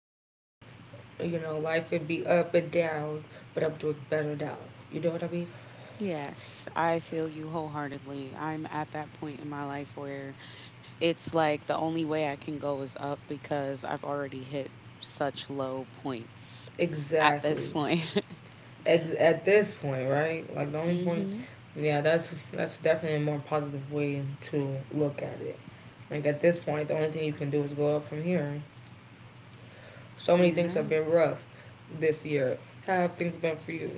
good. You know, life would be up and down, but I'm doing better now. You know what I mean? Yes, I feel you wholeheartedly. I'm at that point in my life where it's like the only way I can go is up because I've already hit such low points at this Exactly. point. At this point, right? Like the only point, Mhm. yeah, that's definitely a more positive way to look at it. Like at this point, the only thing you can do is go up from here. So many You're things have right. been rough this year. How have things been for you?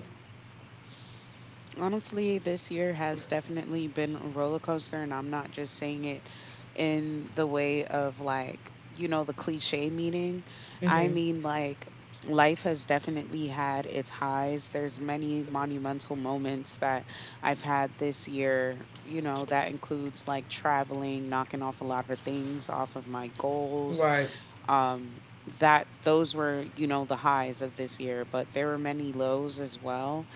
Honestly, this year has definitely been a roller coaster, and I'm not just saying it in the way of the cliche meaning. I Mm-hmm. mean, like, life has definitely had its highs. There's many monumental moments that I've had this year, that includes like traveling, knocking off a lot of things off of my goals. Right. Um, that those were, the highs of this year, but there were many lows as well,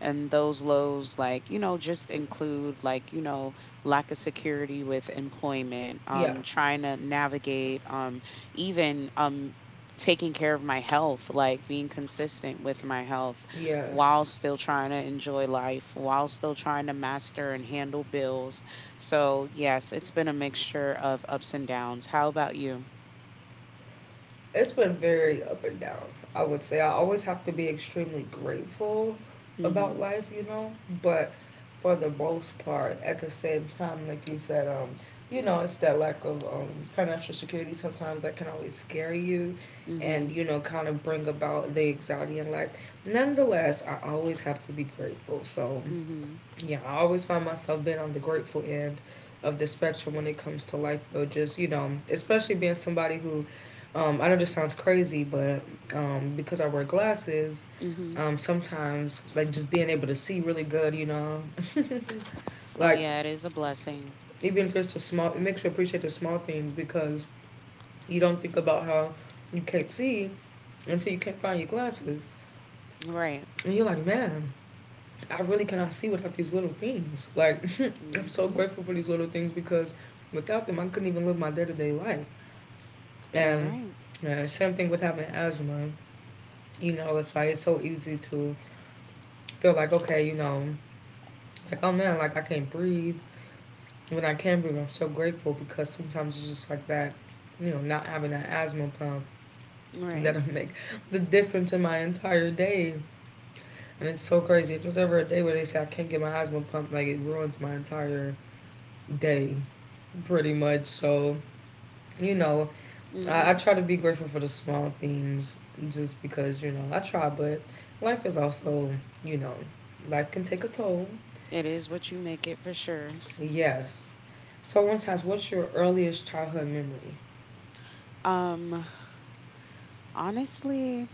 and those lows just include lack of security with employment, Yeah. Trying to navigate, even taking care of my health, like being consistent with my health Yes. while still trying to enjoy life, while still trying to master and handle bills. So yes, it's been a mixture of ups and downs. How about you? It's been very up and down. I would say I always have to be extremely grateful about Mhm. life, you know, but for the most part, at the same time, like you said, you know, it's that lack of financial security sometimes that can always scare you and, Mhm. you know, kind of bring about the anxiety in life. Nonetheless, I always have to be grateful. So Mhm. yeah, I always find myself being on the grateful end of the spectrum when it comes to life, though. Just, you know, especially being somebody who, I know this sounds crazy, but because I wear glasses, Mhm. Sometimes, like, just being able to see really good, you know, Oh like, yeah, it is a blessing. even just the small, it makes you appreciate the small things because you don't think about how you can't see until you can't find your glasses. Right. And you're like, man, I really cannot see without these little things. Like, I'm so Mhm. grateful for these little things because without them, I couldn't even live my day to day life. You're And right. yeah, same thing with having asthma. You know, it's like it's so easy to feel like, okay, you know, like, oh man, like I can't breathe. When I can breathe, I'm so grateful because sometimes it's just like that, you know, not having that asthma pump Right. that'll make the difference in my entire day. And it's so crazy. If there's ever a day where they say I can't get my asthma pumped, like it ruins my entire day pretty much. So, you know, I Mhm. try to be grateful for the small things just because, you know, I try, but life is also, you know, life can take a toll. It is what you make it for sure. Yes. So one times, what's your earliest childhood memory? Um honestly,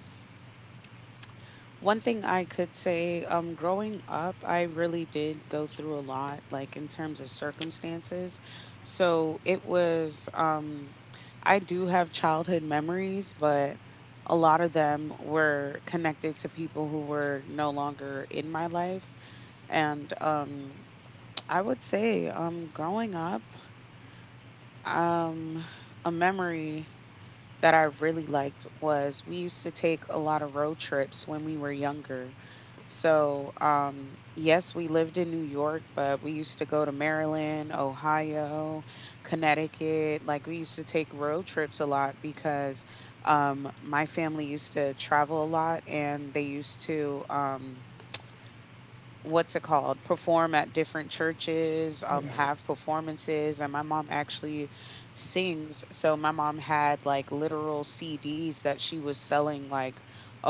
one thing I could say, growing up, I really did go through a lot, like in terms of circumstances. So, it was I do have childhood memories, but a lot of them were connected to people who were no longer in my life. And I would say growing up, um a memory that I really liked was we used to take a lot of road trips when we were younger. So, yes, we lived in New York, but we used to go to Maryland, Ohio, Connecticut. Like, we used to take road trips a lot because, my family used to travel a lot and they used to. What's it called, perform at different churches, Right. have performances. And my mom actually sings, so my mom had like literal CDs that she was selling like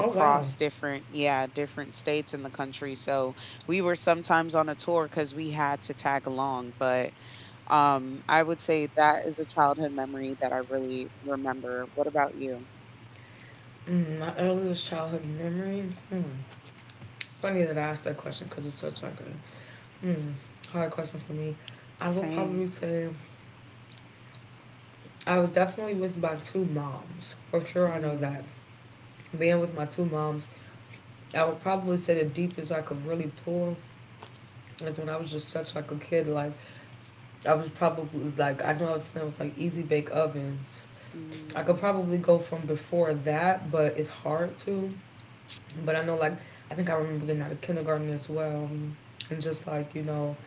Oh wow. different, yeah, different states in the country. So we were sometimes on a tour cuz we had to tag along. But I would say that is a childhood memory that I really remember. What about you? Mm, my earliest childhood memory. Hmm. Funny that I asked that question because it's such like a hmm, hard question for me. I would Same. probably say I was definitely with my two moms for sure. I know that Mm. being with my two moms, I would probably say the deepest I could really pull. That's when I was just such like a kid. Like I was probably like I know I was playing with like easy bake ovens. I could Mm. probably go from before that, but it's hard to. But I know like I think I remember getting out of kindergarten as well, and just like you know,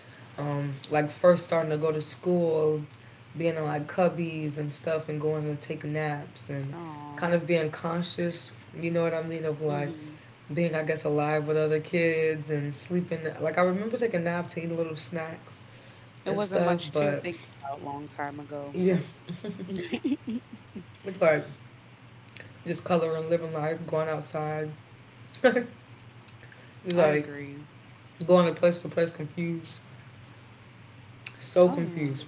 like first starting to go to school, being in like cubbies and stuff, and going to take naps and kind Aw. of being conscious. You know what I mean of like Mhm. being I guess alive with other kids and sleeping. Like I remember taking naps to eat little snacks It and wasn't stuff. much to But think about a long time ago. yeah, it's like just coloring, living life, going outside. It's I like agree. going to place, confused, so Oh confused. yeah.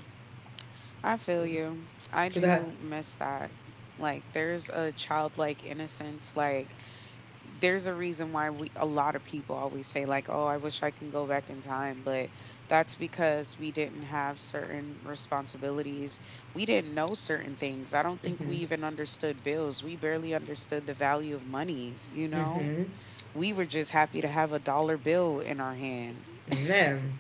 I feel you. I Cause I, do miss that. Like, there's a childlike innocence. Like, there's a reason why we a lot of people always say like, "Oh, I wish I can go back in time," but that's because we didn't have certain responsibilities. We didn't know certain things. I don't think we mhm, even understood bills. We barely understood the value of money, you know? mhm, We were just happy to have a dollar bill in our hand. man.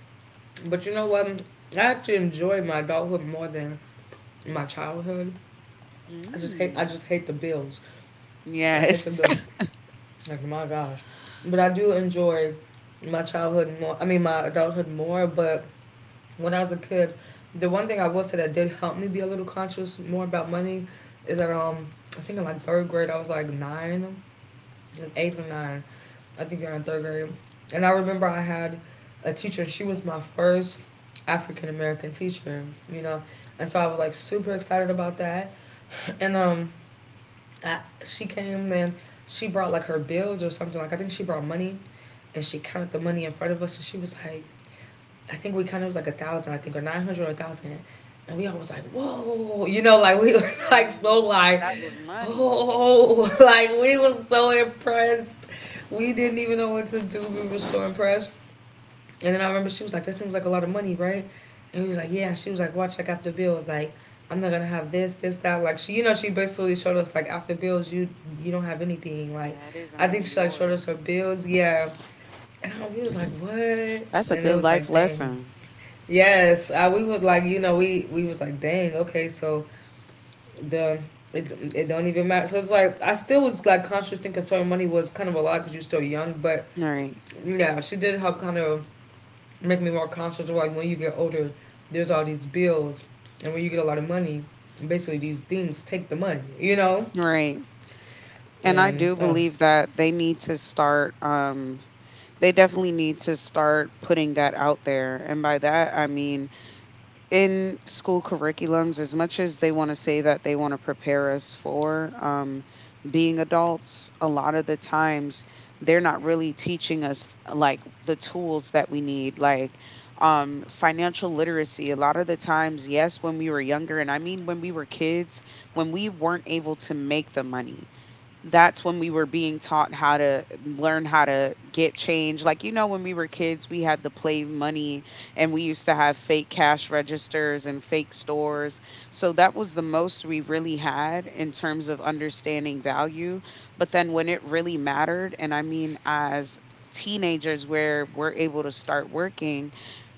But you know what? I actually enjoy my adulthood more than my childhood. I just hate, I Mm. just hate the bills. I hate the Yes. bills. Like my gosh, but I do enjoy my childhood more. I mean, my adulthood more, but when I was a kid, the one thing I will say that did help me be a little conscious more about money is that I think in like third grade I was like 9, like 8 or 9. I think you're in third grade. And I remember I had a teacher, she was my first African American teacher, you know. Mm. And so I was like super excited about that. And she came then she brought like her bills or something like I think she brought money and she counted the money in front of us and she was like I think we kind of was like 1,000, I think, or 900 or 1,000, and we all was like, "Whoa!" You know, like we was like so Mhm. like, That was money. "Oh!" Like we was so impressed. We didn't even know what to do. We were so impressed. And then I remember she was like, "That seems like a lot of money, right?" And we was like, "Yeah." And she was like, "Watch, like after bills, like I'm not gonna have this, this, that." Like she, you know, she basically showed us like after bills, you don't have anything. Like Yeah, it isn't I think really she like showed us her yours. bills, yeah. And we was like, "What?" That's a And it good was life like, "Dang." lesson. Yes, we would like you know we was like dang okay so the it, it don't even matter so it's like I still was like conscious and saving money was kind of a lot because you're still young but Right. yeah she did help kind of make me more conscious of like when you get older there's all these bills and when you get a lot of money basically these things take the money you know Right. And I and do oh believe that they need to start, they definitely need to start putting that out there. And by that I mean in school curriculums. As much as they want to say that they want to prepare us for, being adults, a lot of the times they're not really teaching us like the tools that we need, like, financial literacy. A lot of the times, yes, when we were younger, and I mean when we were kids, when we weren't able to make the money, that's when we were being taught how to learn how to get change. Like, you know, when we were kids, we had the play money and we used to have fake cash registers and fake stores. So that was the most we really had in terms of understanding value. But then when it really mattered, and I mean, as teenagers where we're able to start working,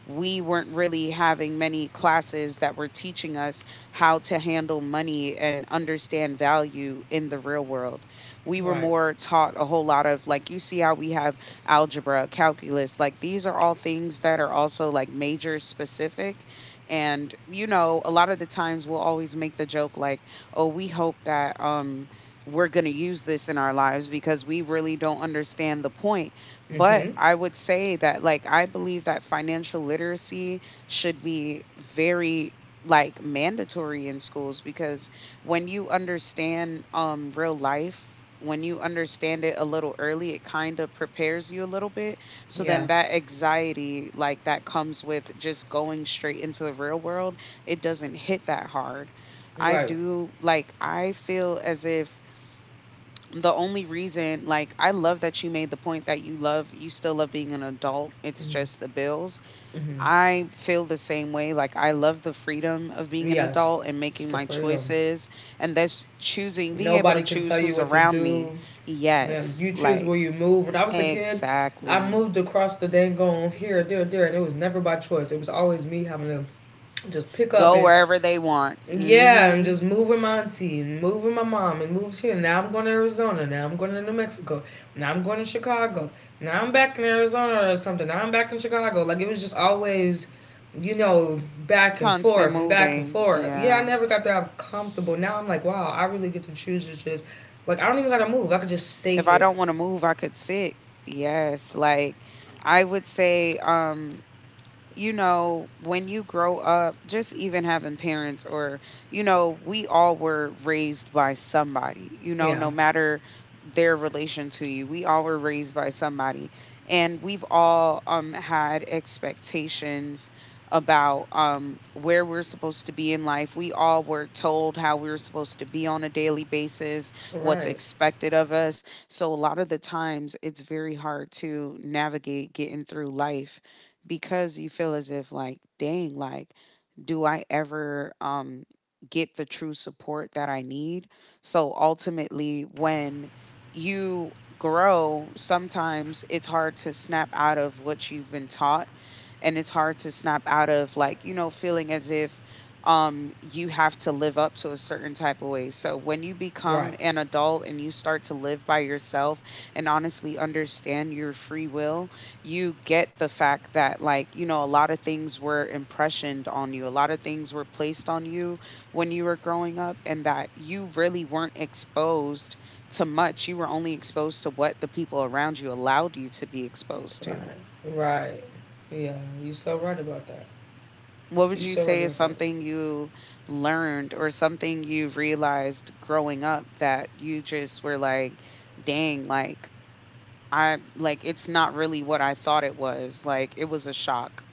we weren't really having many classes that were teaching us how to handle money and understand value in the real world. We were right more taught a whole lot of like, you see how we have algebra, calculus, like these are all things that are also like major specific. And you know, a lot of the times we'll always make the joke like, "Oh, we hope that we're going to use this in our lives because we really don't understand the point." But mm-hmm I would say that, like, I believe that financial literacy should be very like mandatory in schools, because when you understand, um, real life, when you understand it a little early, it kind of prepares you a little bit, so yeah then that anxiety like that comes with just going straight into the real world, it doesn't hit that hard. I right. do like, I feel as if the only reason, like, I love that you made the point that you love, you still love being an adult, it's Mm-hmm. just the bills. Mm-hmm. I feel the same way. Like, I love the freedom of being an Yes, adult and it's making the my freedom. choices. And that's choosing, being able to Nobody can choose tell you who's what to around me. do. Yeah, Yes. you choose Like, where you move. When I was a kid, I exactly. moved across the dang here, there, and it was never by choice. It was always me having to just pick up Go and wherever they want. yeah, and just Hmm. move with my auntie and move with my mom and move here. Now I'm going to Arizona. Now I'm going to New Mexico. Now I'm going to Chicago. Now I'm back in Arizona or something. Now I'm back in Chicago. Like it was just always, you know, back and Constant forth and back and moving. forth. Yeah, I Yeah. never got that comfortable. Now I'm like, wow, I really get to choose to just like I don't even gotta move. I could just stay If I here. don't want to move, I could sit. Yes. Like, I would say, you know, when you grow up, just even having parents or, you know, we all were raised by somebody, you know, no Yeah. matter their relation to you, we all were raised by somebody. And we've all, had expectations about, where we're supposed to be in life. We all were told how we were supposed to be on a daily basis, what's Right. expected of us. So a lot of the times it's very hard to navigate getting through life because you feel as if, like, dang, like, do I ever, get the true support that I need? So ultimately when you grow, sometimes it's hard to snap out of what you've been taught, and it's hard to snap out of like, you know, feeling as if, you have to live up to a certain type of way. So when you become Right. an adult and you start to live by yourself and honestly understand your free will, you get the fact that, like, you know, a lot of things were impressioned on you. A lot of things were placed on you when you were growing up, and that you really weren't exposed to much. You were only exposed to what the people around you allowed you to be exposed Right. to. Right. Yeah. You are so right about that. What would You are you so right say is about that. something you learned or something you realized growing up that you just were like, dang, like, I like it's not really what I thought it was. Like it was a shock,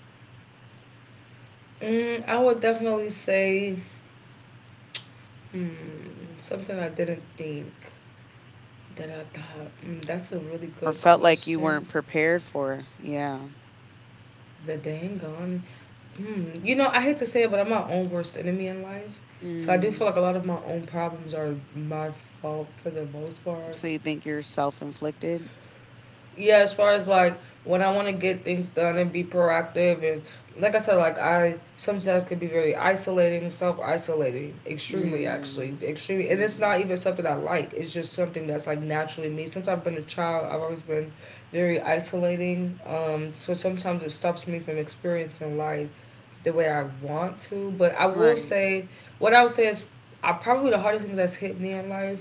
Mm, I would definitely say mm, something I didn't think that I thought mm, that's a really or good felt like you question. weren't prepared for. Yeah. The dang on. Mm, you know, I hate to say it, but I'm my own worst enemy in life. So I do feel Mm. like a lot of my own problems are my fault for the most part. So you think you're self-inflicted? Yeah, as far as like when I want to get things done and be proactive, and like I said, like I sometimes could be very isolating, self isolating, extremely Mm. actually, extremely. And it's Mm. not even something I like, it's just something that's like naturally me. Since I've been a child, I've always been very isolating. So sometimes it stops me from experiencing life the way I want to. But I will Right. say, what I would say is, I probably the hardest thing that's hit me in life.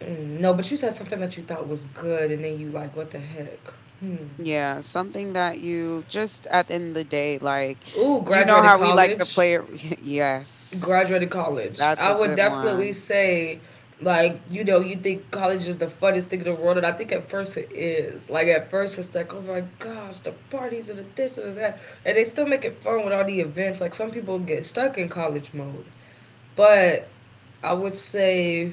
Mm, no, but you said something that you thought was good, and then you like, what the heck? Hmm. Yeah, something that you just at the end of the day, like, Ooh, you know graduated how we like to college. play it. Yes. Graduated college. That's I a would good definitely one. say, like, you know, you think college is the funnest thing in the world, and I think at first it is. Like, at first it's like, oh my gosh, the parties and the this and the that. And they still make it fun with all the events. Like, some people get stuck in college mode. But I would say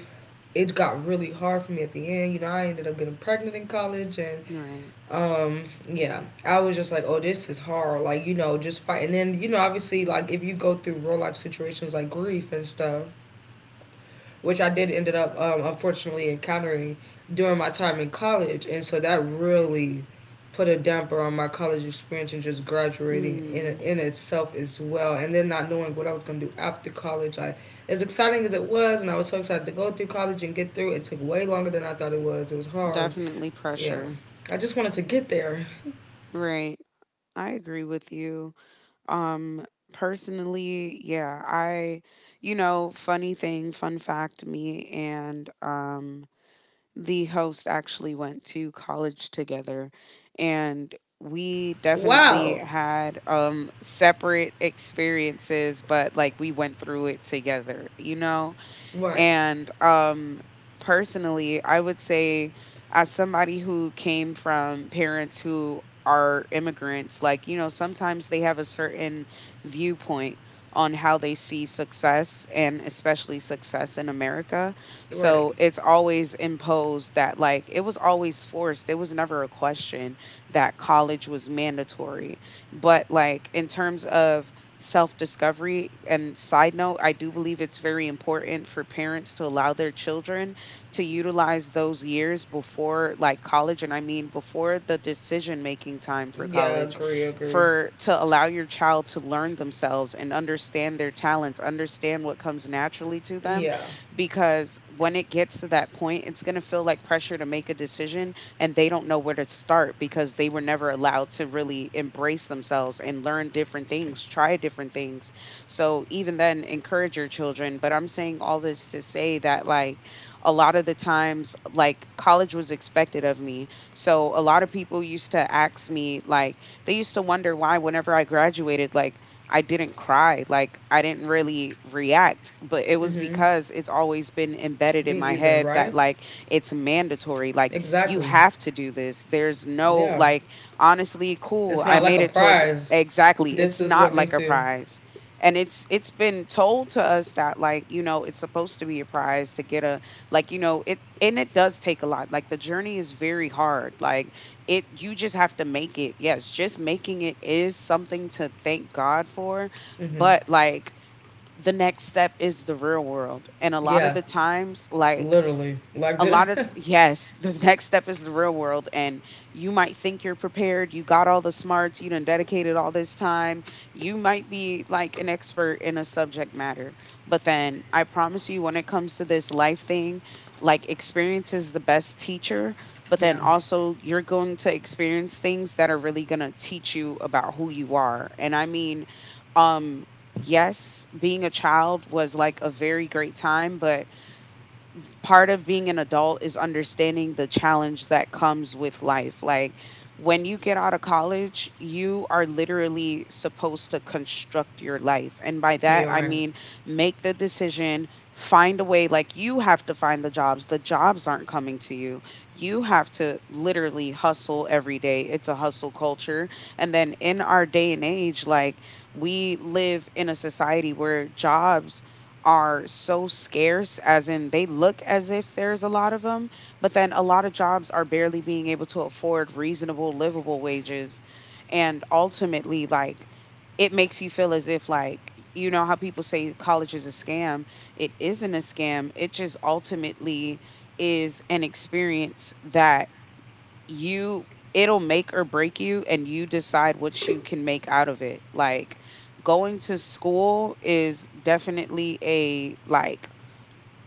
it got really hard for me at the end. You know, I ended up getting pregnant in college, and Right. um yeah I was just like oh this is hard like you know just fight and then you know obviously like if you go through real life situations like grief and stuff which I did ended up unfortunately encountering during my time in college and so that really put a damper on my college experience and just graduating in Mm, in itself as well and then not knowing what I was going to do after college I as exciting as it was and I was so excited to go through college and get through it took way longer than I thought it was hard definitely yeah pressure. I just wanted to get there. Right. I agree with you. Um personally, yeah, I, you know, funny thing, fun fact, me and the host actually went to college together, and we definitely Wow. had separate experiences, but like we went through it together, you know? Right. And personally, I would say, as somebody who came from parents who are immigrants, like, you know, sometimes they have a certain viewpoint on how they see success, and especially success in America. Right. So it's always imposed that, like, it was always forced. There was never a question that college was mandatory. But, like, in terms of self discovery. And side note, I do believe it's very important for parents to allow their children to utilize those years before like college. And I mean, before the decision making time for Yeah, college, agree, agree. for to allow your child to learn themselves and understand their talents, understand what comes naturally to them. Yeah. Because when it gets to that point, it's going to feel like pressure to make a decision, and they don't know where to start because they were never allowed to really embrace themselves and learn different things, try different things. So even then, encourage your children. But I'm saying all this to say that, like, a lot of the times, like, college was expected of me. So a lot of people used to ask me, like, they used to wonder why, whenever I graduated, like, I didn't cry, like, I didn't really react. But it was Mm-hmm. because it's always been embedded in Me my either, head that, right? like, it's mandatory. Like, you Exactly. have to do this. There's no Yeah. like honestly cool. It's I not like made a it toward the, prize. exactly. It's This is not what like needs a to. prize. And it's been told to us that, like, you know, it's supposed to be a prize to get a, like, you know, it, and it does take a lot. Like the journey is very hard. Like it you just have to make it. Yes, just making it is something to thank God for, Mm-hmm. but like the next step is the real world. And a lot of Yeah. the times like Literally. Like a this lot of yes the next step is the real world, and you might think you're prepared, you got all the smarts, you done dedicated all this time, you might be like an expert in a subject matter. But then I promise you, when it comes to this life thing, like, experience is the best teacher. But then Yeah. also, you're going to experience things that are really going to teach you about who you are. And I mean, um yes, being a child was like a very great time, but part of being an adult is understanding the challenge that comes with life. Like when you get out of college, you are literally supposed to construct your life. And by that, You I are mean make the decision, find a way. Like, you have to find the jobs aren't coming to you. You have to literally hustle every day. It's a hustle culture. And then in our day and age, like, we live in a society where jobs are so scarce, as in they look as if there's a lot of them, but then a lot of jobs are barely being able to afford reasonable, livable wages. And ultimately, like, it makes you feel as if, like, you know, how people say college is a scam. It isn't a scam. It just ultimately is an experience that you it'll make or break you, and you decide what you can make out of it. Like going to school is definitely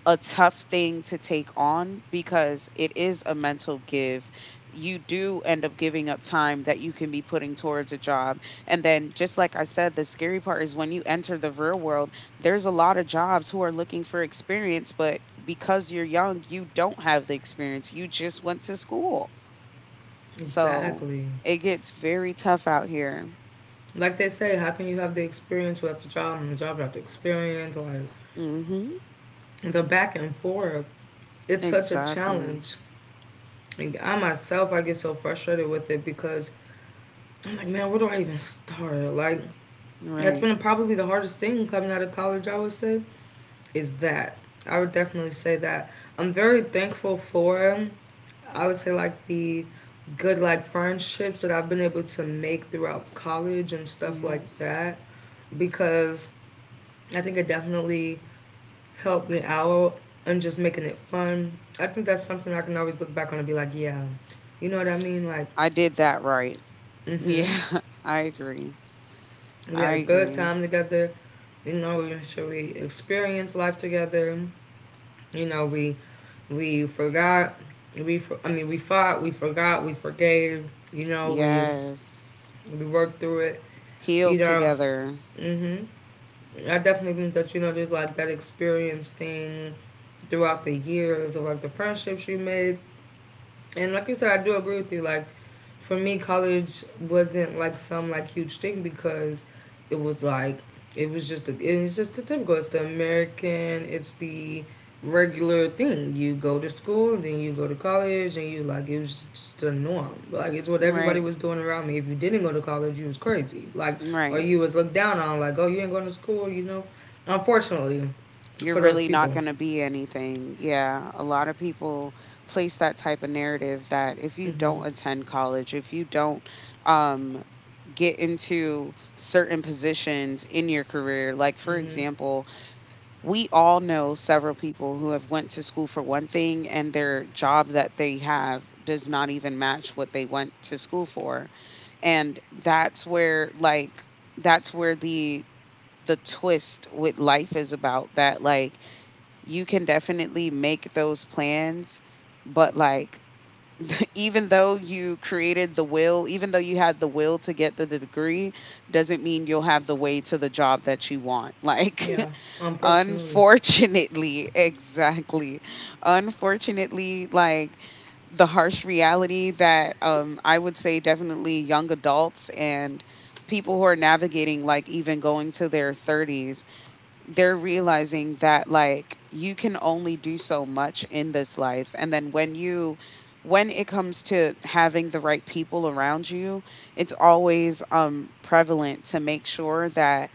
a tough thing to take on because it is a mental give. You do end up giving up time that you can be putting towards a job. And then just like I said, the scary part is when you enter the real world, there's a lot of jobs who are looking for experience, but because you're young, you don't have the experience. You just went to school. So exactly it gets very tough out here. like they say. How can you have the experience without the job, and the job without the experience? Like Mhm. the back and forth, it's such a Exactly. challenge. Like, I myself, I get so frustrated with it because I'm like, man, where do I even start? Like, that's Right. been probably the hardest thing coming out of college, I would say, is that. I would definitely say that. I'm very thankful for, I would say, like, the good, like, friendships that I've been able to make throughout college and stuff like Yes. that, because I think it definitely helped me out and just making it fun. I think that's something I can always look back on and be like, yeah, you know what I mean? Like, I did that right. mm hmm. Yeah, I agree. We I had a good agree. time together. You know, we experienced life together. You know, we forgot. We I mean, we fought. We forgot. We forgave. You know, we Yes. we worked through it. You Healed know, together. hmm I definitely think that you know there's like that experience thing throughout the years of like the friendships you made. And like you said, I do agree with you. Like, for me, college wasn't like some like huge thing because it was like it was just it's just the typical. It's the American. It's the regular thing. You go to school, then you go to college, and you like it was just the norm. Like it's what everybody Right. was doing around me. If you didn't go to college, you was crazy. Like, or Right. you was looked down on. Like, oh, you ain't going to school. You know, unfortunately, You're for those really not people. going to be anything. Yeah. A lot of people place that type of narrative that if you hmm don't attend college, if you don't um, get into certain positions in your career, like for example, we all know several people who have went to school for one thing and their job that they have does not even match what they went to school for. And that's where the twist with life is about that. Like, you can definitely make those plans, but like, even though you created the will, even though you had the will to get the degree, doesn't mean you'll have the way to the job that you want. Like, Yeah, unfortunately, unfortunately, exactly. Unfortunately, like, the harsh reality that I would say definitely young adults and people who are navigating, like even going to their 30s, they're realizing that like you can only do so much in this life. And then when it comes to having the right people around you, it's always prevalent to make sure that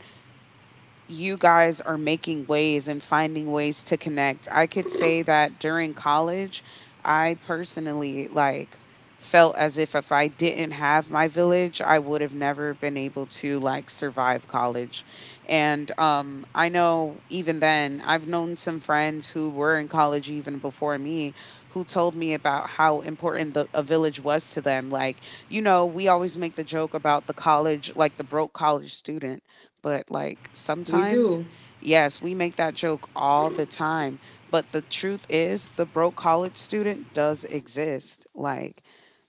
you guys are making ways and finding ways to connect. I could say that during college, I personally like felt as if I didn't have my village, I would have never been able to like survive college. And I know even then I've known some friends who were in college even before me who told me about how important the a village was to them. Like, you know, we always make the joke about the college like the broke college student, but like, we sometimes, do. yes, we make that joke all the time. But the truth is, the broke college student does exist. Like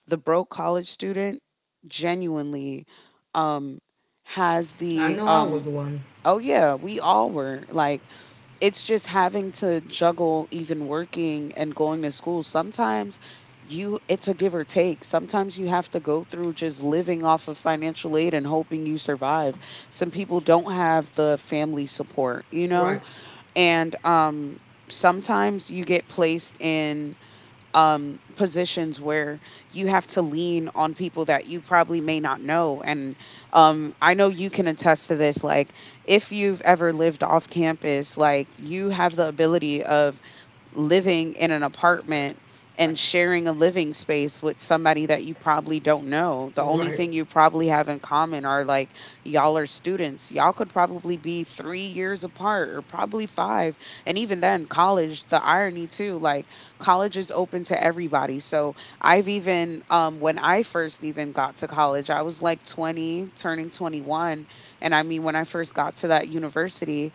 the broke college student genuinely um has I the know I um was one. oh yeah, we all were like it's just having to juggle even working and going to school. Sometimes you it's a give or take. Sometimes you have to go through just living off of financial aid and hoping you survive. Some people don't have the family support, you know. Right. And sometimes you get placed in positions where you have to lean on people that you probably may not know. And I know you can attest to this. Like, if you've ever lived off campus, like, you have the ability of living in an apartment and sharing a living space with somebody that you probably don't know. The only Right. thing you probably have in common are like y'all are students. Y'all could probably be 3 years apart or probably five. And even then, college, the irony too, like, college is open to everybody. So I've even, when I first even got to college, I was like 20, turning 21. And I mean, when I first got to that university,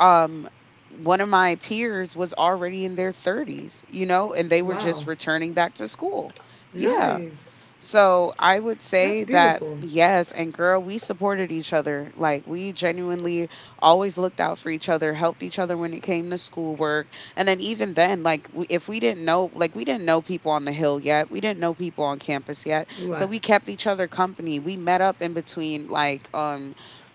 um one of my peers was already in their 30s, you know, and they were Wow. just returning back to school. Yeah. Nice. So I would That's say that, beautiful. yes, and girl, we supported each other. Like, we genuinely always looked out for each other, helped each other when it came to schoolwork. And then even then, like, if we didn't know, like, we didn't know people on the hill yet, we didn't know people on campus yet. So Right. we kept each other company. We met up in between like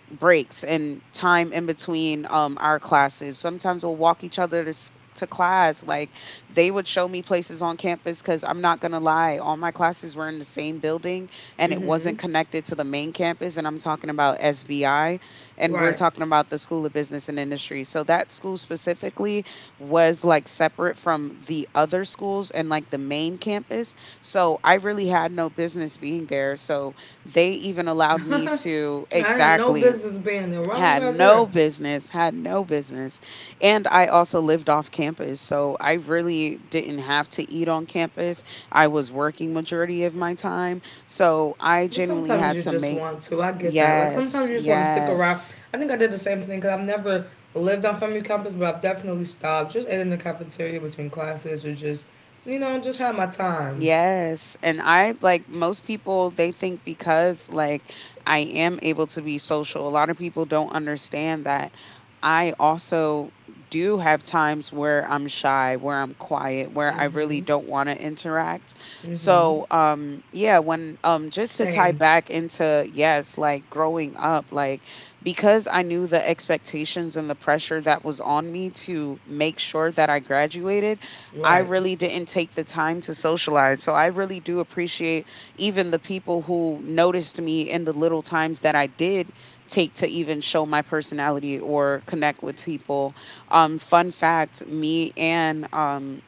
breaks and time in between our classes. Sometimes we'll walk each other to, to class. Like, they would show me places on campus because I'm not going to lie, all my classes were in the same building and it Mm-hmm. wasn't connected to the main campus. And I'm talking about SBI, and we're Right. talking about the School of Business and Industry. So that school specifically was like separate from the other schools and like the main campus. So I really had no business being there. So they even allowed me to, I had no exactly, business being there. Why was had I no there? business, had no business. And I also lived off campus, so I really didn't have to eat on campus. I was working majority of my time, so I But genuinely sometimes had you to just make. want to. I get that. Like Yes, sometimes you just want to stick around. yes. I think I did the same thing because I've never lived on family campus, but I've definitely stopped. Just ate in the cafeteria between classes or just had my time. Yes. And I, like most people, they think because like I am able to be social, a lot of people don't understand that I also do have times where I'm shy, where I'm quiet, where I really Mm-hmm. don't want to interact. Mm-hmm. So, yeah, when just to tie Same. back into, yes, like, growing up, like, because I knew the expectations and the pressure that was on me to make sure that I graduated, I Right. really didn't take the time to socialize. So I really do appreciate even the people who noticed me in the little times that I did take to even show my personality or connect with people. Fun fact, me and um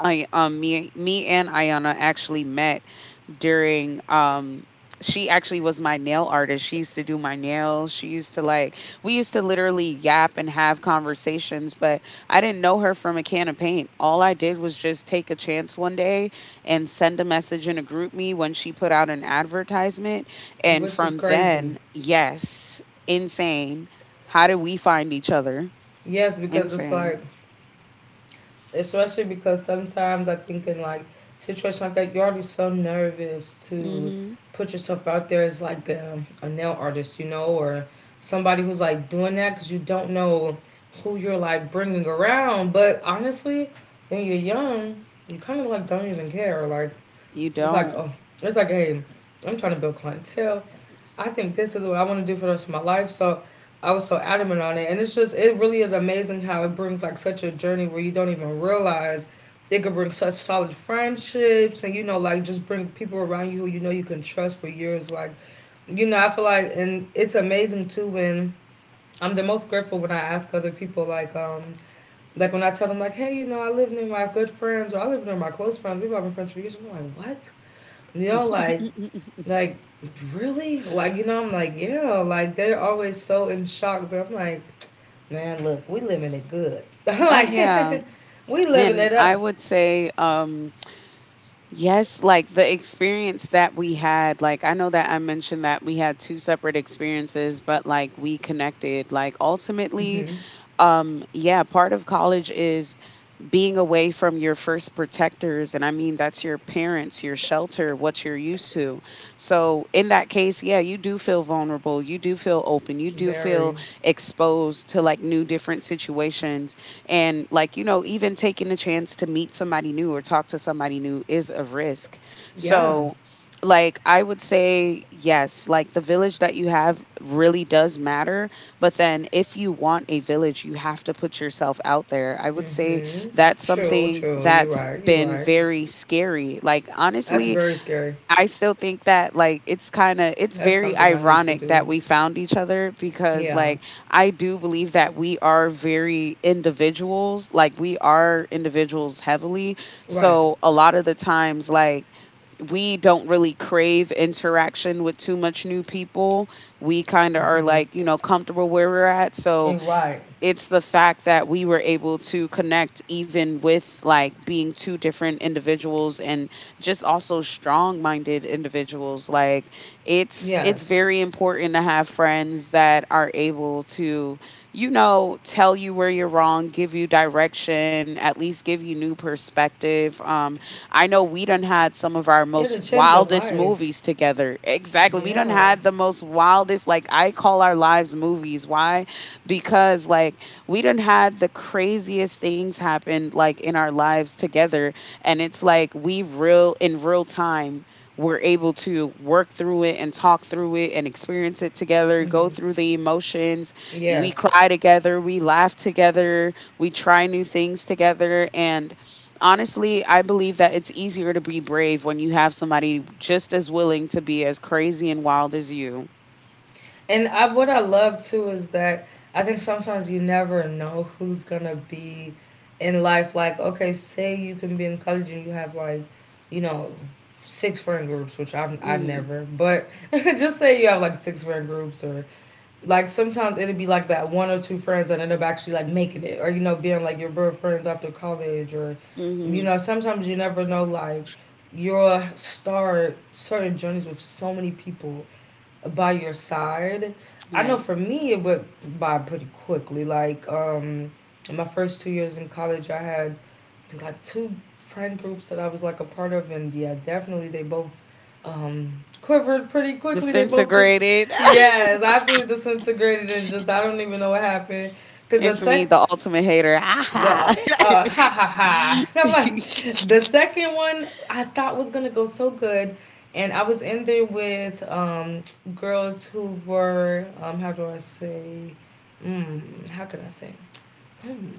I um me me and Ayana actually met during she actually was my nail artist. She used to do my nails. She used to like we used to literally yap and have conversations, but I didn't know her from a can of paint. All I did was just take a chance one day and send a message in a group me when she put out an advertisement, and Which is from crazy. then, yes, insane. How did we find each other? Yes, because it's like, Insane. especially because sometimes I think in like situations like that, you're already so nervous to Mhm. put yourself out there as like a nail artist, you know, or somebody who's like doing that because you don't know who you're like bringing around. But honestly, when you're young, you kind of like don't even care. Like You it's like, don't. oh, it's like, hey, I'm trying to build clientele. I think this is what I want to do for the rest of my life. So I was so adamant on it. And it's just, it really is amazing how it brings like such a journey where you don't even realize it could bring such solid friendships and, you know, like just bring people around you who you know you can trust for years. Like, you know, I feel like, and it's amazing too when I'm the most grateful when I ask other people, like when I tell them, like, hey, you know, I live near my good friends or I live near my close friends. We've all been friends for years. And they're like, what? You know, like, really? Like, you know, I'm like, yeah, like they're always so in shock, but I'm like, man, look, we living it good. I'm Oh yeah. like, we living And it I up. would say yes, like the experience that we had, like I know that I mentioned that we had two separate experiences, but like we connected. Like, ultimately, hmm yeah, part of college is being away from your first protectors, and I mean, that's your parents, your shelter, what you're used to. So in that case, yeah, you do feel vulnerable, you do feel open, you do feel Very. exposed to like new different situations. And like, you know, even taking the chance to meet somebody new or talk to somebody new is a risk. Yeah. So like, I would say, yes, like the village that you have really does matter. But then if you want a village, you have to put yourself out there, I would say. hmm That's True, something true. You're that's right. You're been right. very scary. Like That's honestly, very scary. I still think that like it's kind of it's That's very something I need to ironic do. that we found each other because Yeah. like I do believe that we are very individuals. Like we are individuals heavily. Right. So a lot of the times like we don't really crave interaction with too much new people. We kind of are hmm like, you know, comfortable where we're at. So Right. it's the fact that we were able to connect even with like being two different individuals and just also strong-minded individuals, like it's Yes. very important to have friends that are able to, you know, tell you where you're wrong, give you direction, at least give you new perspective. I know we done had some of our Yeah, most to change your wildest life. movies together. Exactly. We done Yeah. had the most wildest, like I call our lives movies. Why? Because like we done had the craziest things happen like in our lives together. And it's like we real in real time we're able to work through it and talk through it and experience it together, go hmm through the emotions. We Yes. cry together, we laugh together, we try new things together. And honestly, I believe that it's easier to be brave when you have somebody just as willing to be as crazy and wild as you. And I what I love too is that I think sometimes you never know who's gonna be in life. Like, okay, say you can be in college and you have like, you know, six friend groups, which I hmm never, but just say you have like six friend groups, or like sometimes it'd be like that one or two friends that end up actually like making it, or you know, being like your bro friends after college, or you hmm know, sometimes you never know, like you'll start certain journeys with so many people by your side. I know Right. for me it went by pretty quickly. Like, in my first 2 years in college, I had, I think, like two friend groups that I was like a part of, and yeah, definitely they both quivered pretty quickly. They both just, Disintegrated. yes, absolutely disintegrated, and just I don't even know what happened. Cause the It's me, sec the ultimate hater. the Ah-ha. Ha ha ha. I'm like, the second one I thought was gonna go so good, and I was in there with girls who were how do I say, how can I say, mm,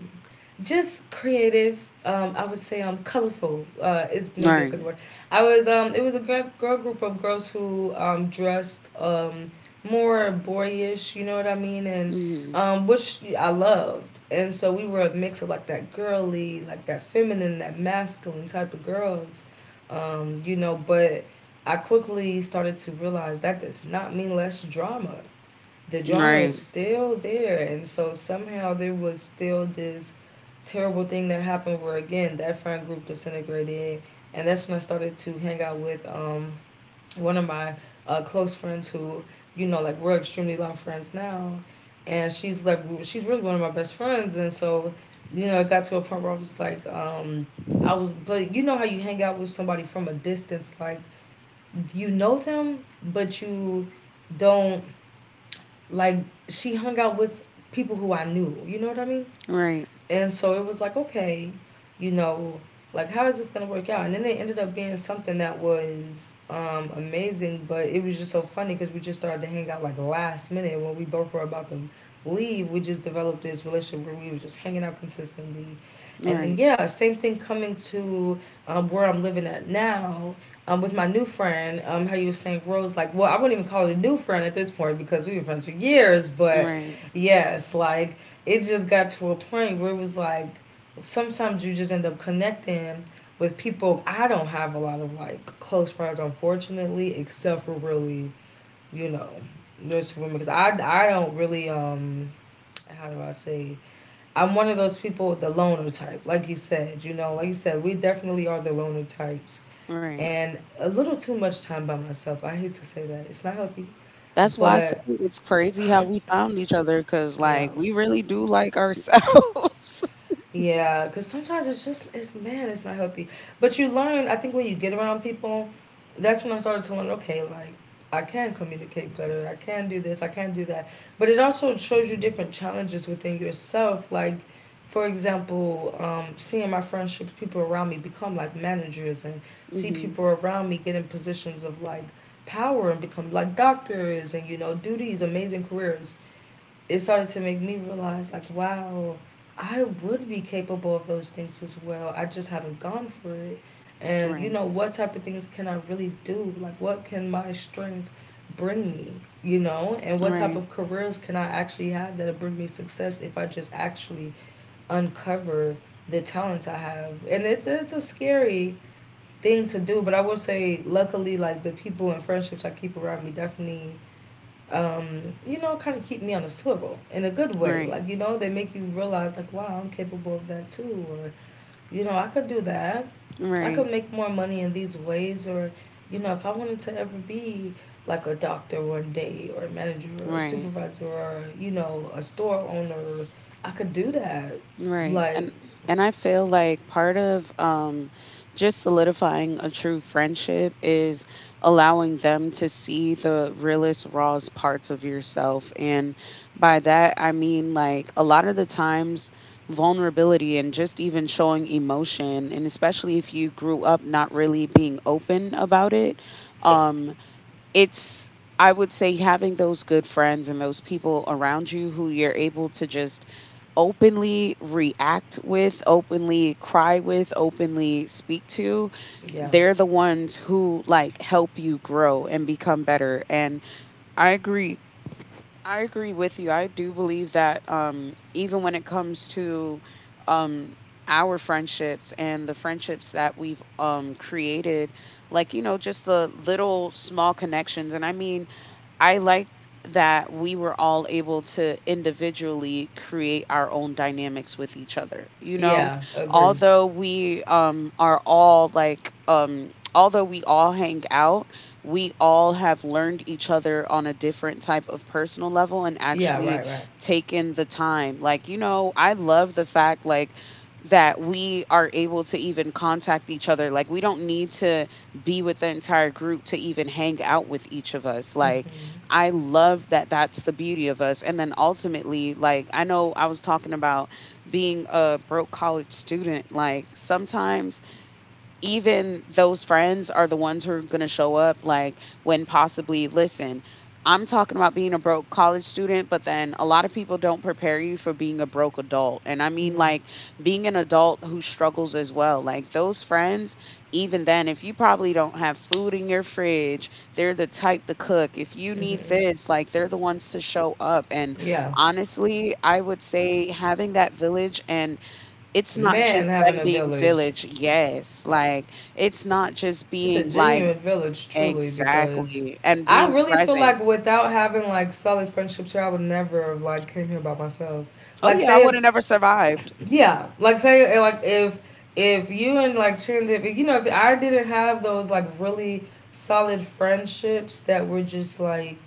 just creative. I would say colorful is maybe a good Right. word. I was it was a girl group of girls who dressed more boyish. You know what I mean? And hmm um, which I loved. And so we were a mix of like that girly, like that feminine, that masculine type of girls. You know, but I quickly started to realize that does not mean less drama. The drama is Right. still there, and so somehow there was still this terrible thing that happened where again that friend group disintegrated, and that's when I started to hang out with one of my close friends who, you know, like we're extremely long friends now, and she's like, she's really one of my best friends. And so you know it got to a point where I was like, I was but you know how you hang out with somebody from a distance, like you know them but you don't. Like she hung out with people who I knew. You know what I mean? Right. And so it was like, okay, you know, like how is this gonna work out? And then it ended up being something that was amazing, but it was just so funny because we just started to hang out like last minute when we both were about to leave. We just developed this relationship where we were just hanging out consistently, and then Right. yeah, same thing coming to where I'm living at now. With my new friend, how you were saying, Rose. Like, well, I wouldn't even call it a new friend at this point because we've been friends for years, but Right. yes, like it just got to a point where it was like sometimes you just end up connecting with people. I don't have a lot of like close friends, unfortunately, except for really, you know, nurse women. Because I don't really, how do I say, I'm one of those people, the loner type, like you said, you know, we definitely are the loner types. Right. And a little too much time by myself. I hate to say that. It's not healthy. That's why I say But, it's crazy how we found each other because, you like, know, we really do like ourselves. yeah, because sometimes it's just, it's, man, it's not healthy. But you learn. I think when you get around people, that's when I started to learn. Okay, like I can communicate better. I can do this. I can do that. But it also shows you different challenges within yourself. Like, for example, seeing my friendships, people around me become like managers, and see hmm people around me get in positions of like power and become like doctors, and you know do these amazing careers. It started to make me realize, like, wow, I would be capable of those things as well. I just haven't gone for it. And you Right. know, what type of things can I really do? Like, what can my strengths bring me? You know, and what type Right. of careers can I actually have that'll bring me success if I just actually uncover the talents I have. And it's a scary thing to do, but I will say luckily like the people and friendships I keep around me definitely, kind of keep me on a swivel in a good way. Right. Like, you know, they make you realize, like, wow, I'm capable of that too. Or, you know, I could do that. I Right, could make more money in these ways. Or, you know, if I wanted to ever be like a doctor one day, or a manager, or a right, supervisor, or, you know, a store owner, I could do that. right. Like, And I feel like part of just solidifying a true friendship is allowing them to see the realest, rawest parts of yourself. And by that I mean like a lot of the times vulnerability and just even showing emotion, and especially if you grew up not really being open about it. Um it's, I would say having those good friends and those people around you who you're able to just openly react with, openly cry with, openly speak to, yeah. they're the ones who like help you grow and become better. And I agree. I agree with you. I do believe that even when it comes to um our friendships and the friendships that we've created, like, you know, just the little small connections. And I mean, I liked that we were all able to individually create our own dynamics with each other. You know, Yeah, agree. although we are all like although we all hang out, we all have learned each other on a different type of personal level and Yeah, actually right, right. taken the time. Like, you know, I love the fact like that we are able to even contact each other. Like, we don't need to be with the entire group to even hang out with each of us. Like, Mm-hmm. I love that. That's the beauty of us. And then ultimately, like, I know I was talking about being a broke college student. Like, sometimes even those friends are the ones who are going to show up like when possibly, listen, I'm talking about being a broke college student, but then a lot of people don't prepare you for being a broke adult. And I Yeah. mean like being an adult who struggles as well, like those friends, even then, if you probably don't have food in your fridge, they're the type to cook, if you need Mm-hmm. this, like, they're the ones to show up. And Yeah. honestly, I would say having that village, and it's not Man, just having them a being village. village, yes, like, it's not just It's a being, like, genuine village, truly, because exactly, and I being really feel present. like without having like solid friendships here, I would never have like came here by myself. Oh, Like yeah, I say woulda if, never survived. yeah, like if you and like Chandra, you know, if I didn't have those like really solid friendships that were just like,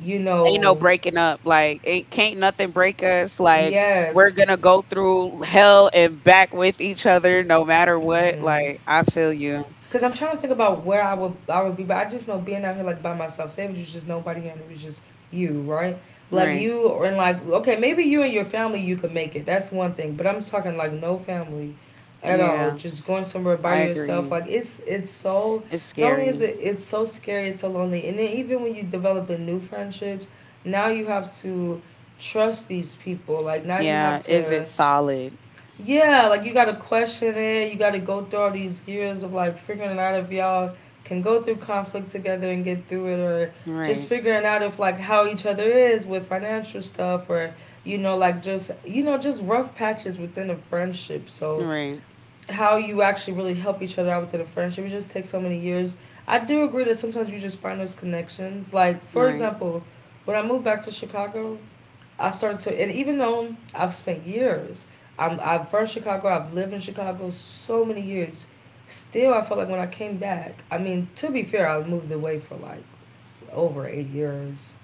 you Ain't no know, breaking up, like, it can't nothing break us, like, we're yes. gonna go through hell and back with each other no matter what, hmm like, I feel you. Cause I'm trying to think about where I would be, but I just know being out here like by myself, Savage was just nobody here, and it was just you, right? Like Right, you or and like okay, maybe you and your family you could make it. That's one thing, but I'm talking like no family, at all. yeah, Just going somewhere by I yourself, agree. like it's so It's not only is scary. it it's so scary, it's so lonely, and then even when you develop a new friendships, now you have to trust these people. Like now you have Yeah, is it to solid? yeah, like you gotta question it. You gotta go through all these years of like figuring it out if y'all can go through conflict together and get through it, or just Right, figuring out if like how each other is with financial stuff, or like just just rough patches within a friendship. So right, how you actually really help each other out within a friendship, it just takes so many years. I do agree that sometimes you just find those connections. Like for right. example, when I moved back to Chicago, I started to, and even though I've spent years, I'm from Chicago, I've lived in Chicago so many years, still I felt like when I came back, I mean, to be fair, I moved away for like over 8 years.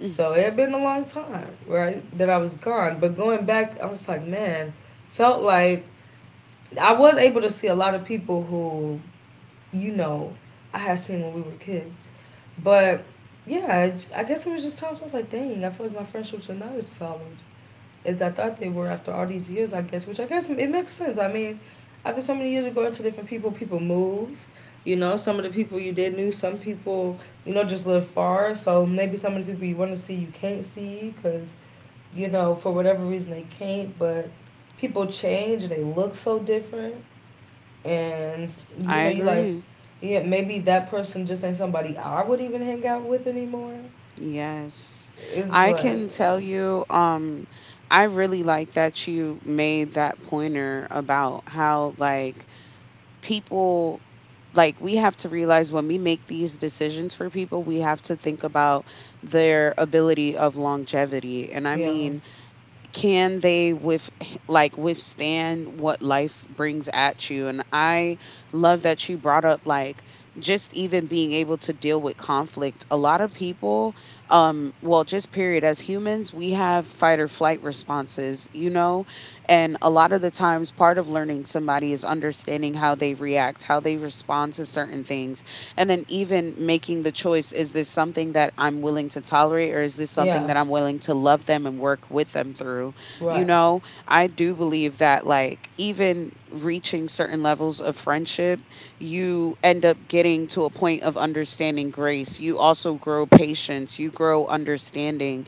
Mm, So it had been a long time, right, that I was gone. But going back, I was like, man, felt like I was able to see a lot of people who, you know, I had seen when we were kids. But yeah, guess it was just times I was like, dang, I feel like my friendships are not as solid as I thought they were after all these years, I guess, which I guess it makes sense. I mean, after so many years of going to different people, people move. You know, some of the people you did knew, some people, you know, just live far. So maybe some of the people you want to see, you can't see because, you know, for whatever reason they can't. But people change and they look so different. And, you I know, you like, agree. yeah, maybe that person just ain't somebody I would even hang out with anymore. Yes. It's I like, can yeah, tell you, I really like that you made that pointer about how, like, people, like, we have to realize when we make these decisions for people, we have to think about their ability of longevity. And I yeah, mean, can they with like withstand what life brings at you. And I love that you brought up like just even being able to deal with conflict. A lot of people, well, just period, as humans we have fight or flight responses, you know. And a lot of the times part of learning somebody is understanding how they react, how they respond to certain things, and then even making the choice, is this something that I'm willing to tolerate or is this something yeah that I'm willing to love them and work with them through? You right. know, I do believe that like even reaching certain levels of friendship, you end up getting to a point of understanding grace. You also grow patience, you grow understanding.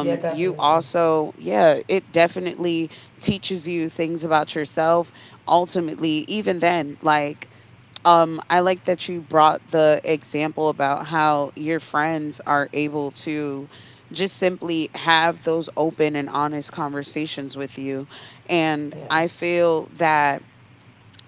Yeah, You definitely. also, yeah, it definitely teaches you things about yourself ultimately. Even then, like, I like that you brought the example about how your friends are able to just simply have those open and honest conversations with you. And Yeah. I feel that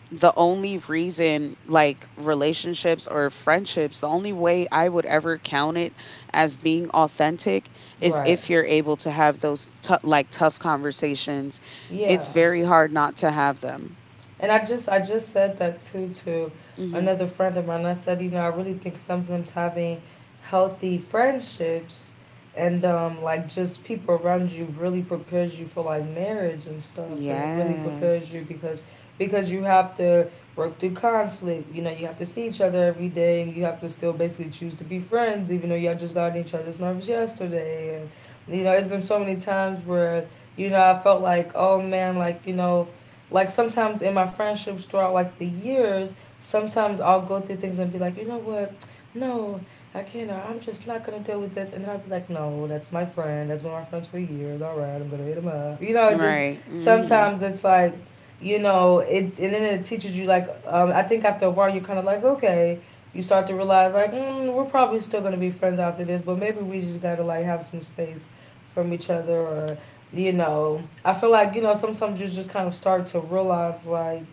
the only reason, like relationships or friendships, the only way I would ever count it as being authentic is Right. if you're able to have those like tough conversations. It's Yeah. very hard not to have them. And I just said that too to hmm another friend of mine. I said, you know, I really think sometimes having healthy friendships and like just people around you really prepares you for like marriage and stuff and it really prepares Yes. you because you have to work through conflict, you know, you have to see each other every day and you have to still basically choose to be friends even though y'all just got on each other's nerves yesterday, and you know it's been so many times where you know I felt like, oh man, like you know, like sometimes in my friendships throughout like the years, sometimes I'll go through things and be like, you know what? No, I can't. I'm just not gonna deal with this. And then I'll be like, no, that's my friend. That's been my friends for years. All right, I'm gonna hit him up. You know, it just Right. Mhm. sometimes it's like, you know, it, and then it teaches you like, I think after a while you're kind of like, okay, you start to realize like, mm, we're probably still gonna be friends after this, but maybe we just gotta like have some space from each other or you know, I feel like, you know, sometimes you just kind of start to realize, like,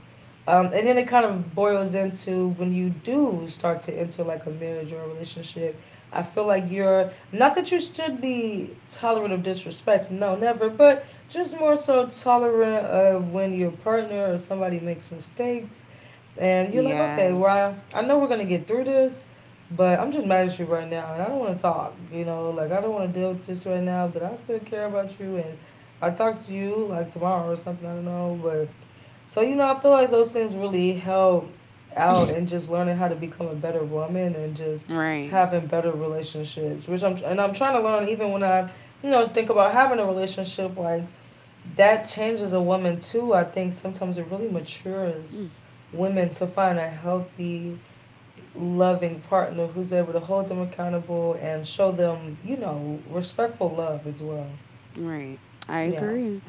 and then it kind of boils into when you do start to enter like a marriage or a relationship. I feel like you're not that you should be tolerant of disrespect, no, never, but just more so tolerant of when your partner or somebody makes mistakes and you're like, okay, Yes. well, I know we're gonna get through this, but I'm just mad at you right now, and I don't want to talk. You know, like I don't want to deal with this right now, but I still care about you, and I talk to you like tomorrow or something. I don't know, but so you know, I feel like those things really help out and just learning how to become a better woman and just Right. having better relationships, which I'm trying to learn even when I, you know, think about having a relationship like that changes a woman too. I think sometimes it really matures Mm, women to find a healthy, loving partner who's able to hold them accountable and show them, you know, respectful love as well. right. I Yeah. agree.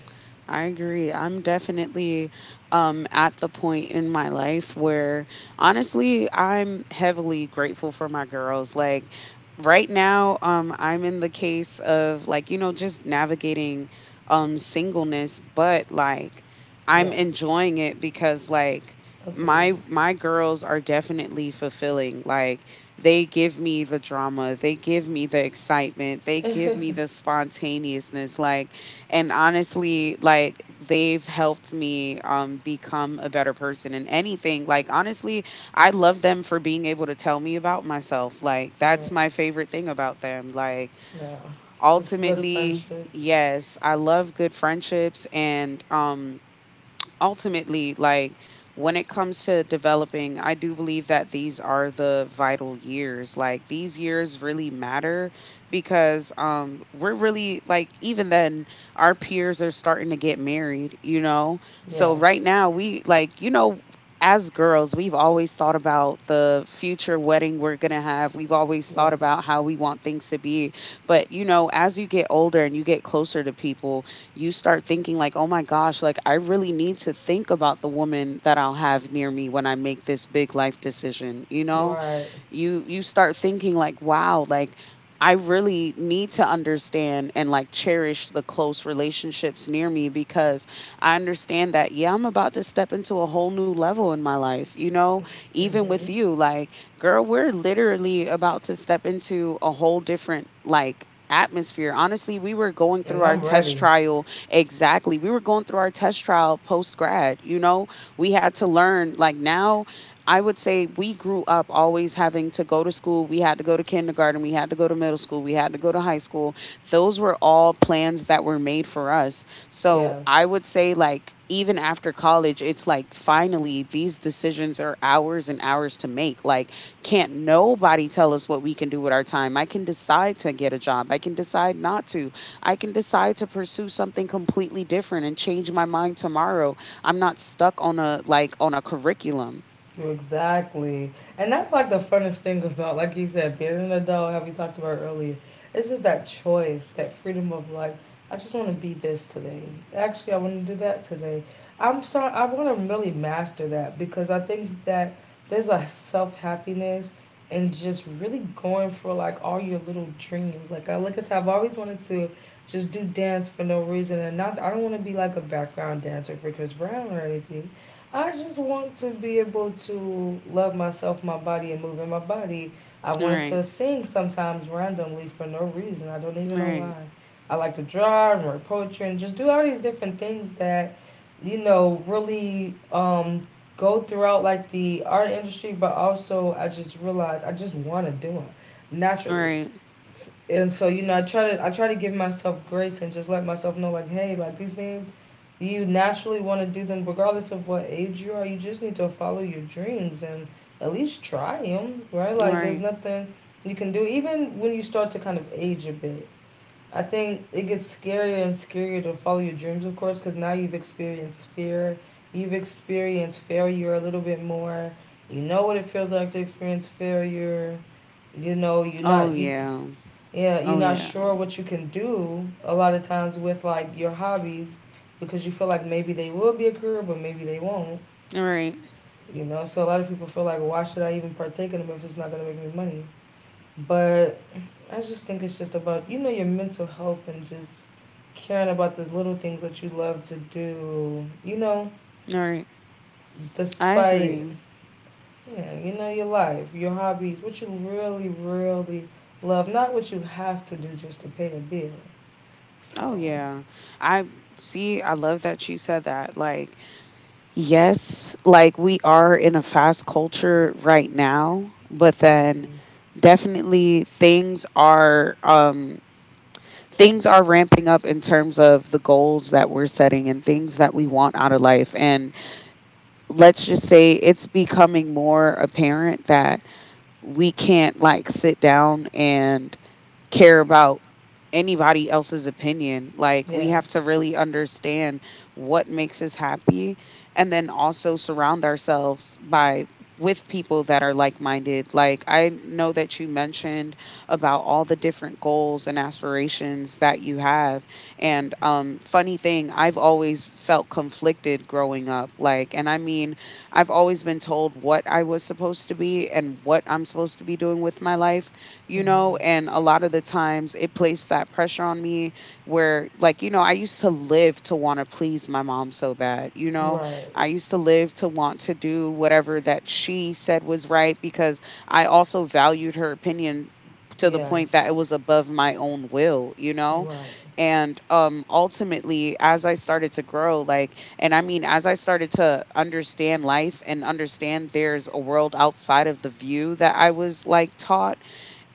I agree. I'm definitely at the point in my life where honestly, I'm heavily grateful for my girls. Like right now, I'm in the case of like, you know, just navigating singleness, but like I'm Yes. enjoying it because like Agreed. my girls are definitely fulfilling. Like they give me the drama, they give me the excitement, they give me the spontaneousness, like, and honestly like they've helped me become a better person in anything, like, honestly I love them for being able to tell me about myself. Like Yeah, that's my favorite thing about them. Like yeah. Just good ultimately friendships. yes, I love good friendships. And ultimately, like when it comes to developing, I do believe that these are the vital years. Like these years really matter because we're really like even then our peers are starting to get married, you know. So right Yes. now we, like, you know, as girls, we've always thought about the future wedding we're going to have. We've always Yeah. thought about how we want things to be. But, you know, as you get older and you get closer to people, you start thinking like, oh my gosh, like I really need to think about the woman that I'll have near me when I make this big life decision, you You know? are right. You start thinking like, wow, like I really need to understand and like cherish the close relationships near me, because I understand that, yeah, I'm about to step into a whole new level in my life. You know, even with Mm-hmm. you, like, girl, we're literally about to step into a whole different, like, atmosphere. Honestly, we were going through And our I'm test ready. trial, exactly. We were going through our test trial post grad, you know. We had to learn like now, I would say we grew up always having to go to school. We had to go to kindergarten. We had to go to middle school. We had to go to high school. Those were all plans that were made for us. So I Yes. would say, like, even after college, it's like finally these decisions are ours and ours to make. Like, can't nobody tell us what we can do with our time. I can decide to get a job. I can decide not to. I can decide to pursue something completely different and change my mind tomorrow. I'm not stuck on a like on a curriculum. Exactly. And that's like the funnest thing about, like you said, being an adult, how we talked about earlier. It's just that choice, that freedom of like, I just want to be this today. Actually, I want to do that today. I'm sorry, I want to really master that because I think that there's a self happiness and just really going for like all your little dreams. Like, like I said, I've always wanted to just do dance for no reason and not, I don't want to be like a background dancer for Chris Brown or anything. I just want to be able to love myself, my body, and move in my body. I wanted Right. to sing sometimes randomly for no reason. I don't even know Right. why. I like to draw and write poetry and just do all these different things that, you know, really go throughout like the art industry, but also I just realized I just want to do it naturally, Right. and so you know, I try to give myself grace and just let myself know like, hey, like these things, you naturally want to do them regardless of what age you are. You just need to follow your dreams and at least try them, right? Like there's Right. nothing you can do even when you start to kind of age a bit. I think it gets scarier and scarier to follow your dreams, of course, because now you've experienced fear, you've experienced failure a little bit more. You know what it feels like to experience failure. You know, you're Oh not you yeah. yeah, you're Oh not yeah. sure what you can do a lot of times with like your hobbies because you feel like maybe they will be a career, but maybe they won't. Right. You know, so a lot of people feel like, why should I even partake in them if it's not gonna make me money? But I just think it's just about you know your mental health and just caring about the little things that you love to do. You know, Right. I despite agree. yeah, you know your life, your hobbies, what you really, really love, not what you have to do just to pay a bill. Oh So. yeah. I see. I love that you said that. Like yes, like we are in a fast culture right now, but then Mm-hmm. definitely things are ramping up in terms of the goals that we're setting and things that we want out of life, and let's just say it's becoming more apparent that we can't like sit down and care about anybody else's opinion. Like we have Yes. to really understand what makes us happy, and then also surround ourselves by with people that are like-minded. Like I know that you mentioned about all the different goals and aspirations that you have. And funny thing, I've always felt conflicted growing up. Like and I mean, I've always been told what I was supposed to be and what I'm supposed to be doing with my life, you Mm-hmm. know, and a lot of the times it placed that pressure on me where, like, you know, I used to live to want to please my mom so bad, you know, Right. I used to live to want to do whatever that she said was right, because I also valued her opinion to the point that Yes. it was above my own will, you know? Right. And ultimately as I started to grow, like and I mean as I started to understand life and understand there's a world outside of the view that I was like taught,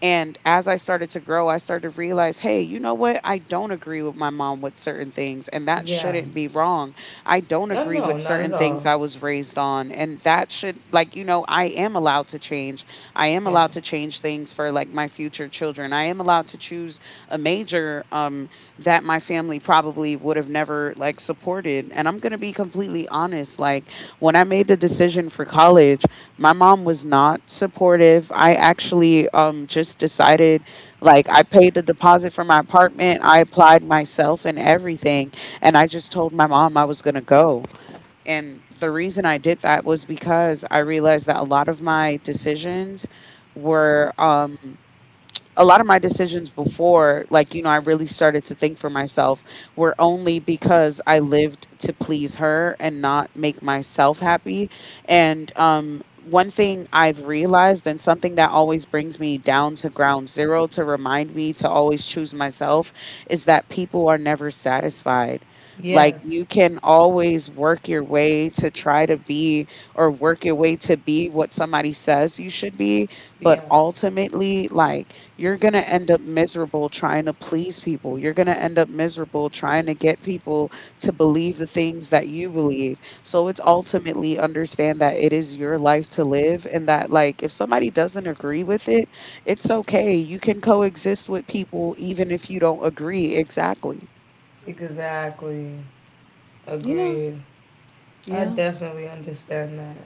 and as I started to grow, I started to realize, hey, you know what? I don't agree with my mom with certain things, and that Yeah. shouldn't be wrong. I don't Oh agree no, with not at certain things all. I was raised on, and that should, like, I am allowed to change. I am Yeah. allowed to change things for like my future children. I am allowed to choose a major that my family probably would have never like supported. And I'm going to be completely honest, like when I made the decision for college, my mom was not supportive. I actually just decided, like I paid the deposit for my apartment. I applied myself and everything, and I just told my mom I was going to go. And the reason I did that was because I realized that were um a lot of my decisions before, like, I really started to think for myself, were only because I lived to please her and not make myself happy. And one thing I've realized, and something that always brings me down to ground zero to remind me to always choose myself, is that people are never satisfied. Like, Yes. you can always work your way to try to be, or work your way to be what somebody says you should be, but Yes. ultimately, like, you're going to end up miserable trying to please people. You're going to end up miserable trying to get people to believe the things that you believe. So it's ultimately understand that it is your life to live, and that, like, if somebody doesn't agree with it, it's okay. You can coexist with people even if you don't agree. Exactly. Exactly. Yeah. Agreed. I Yeah. definitely understand that.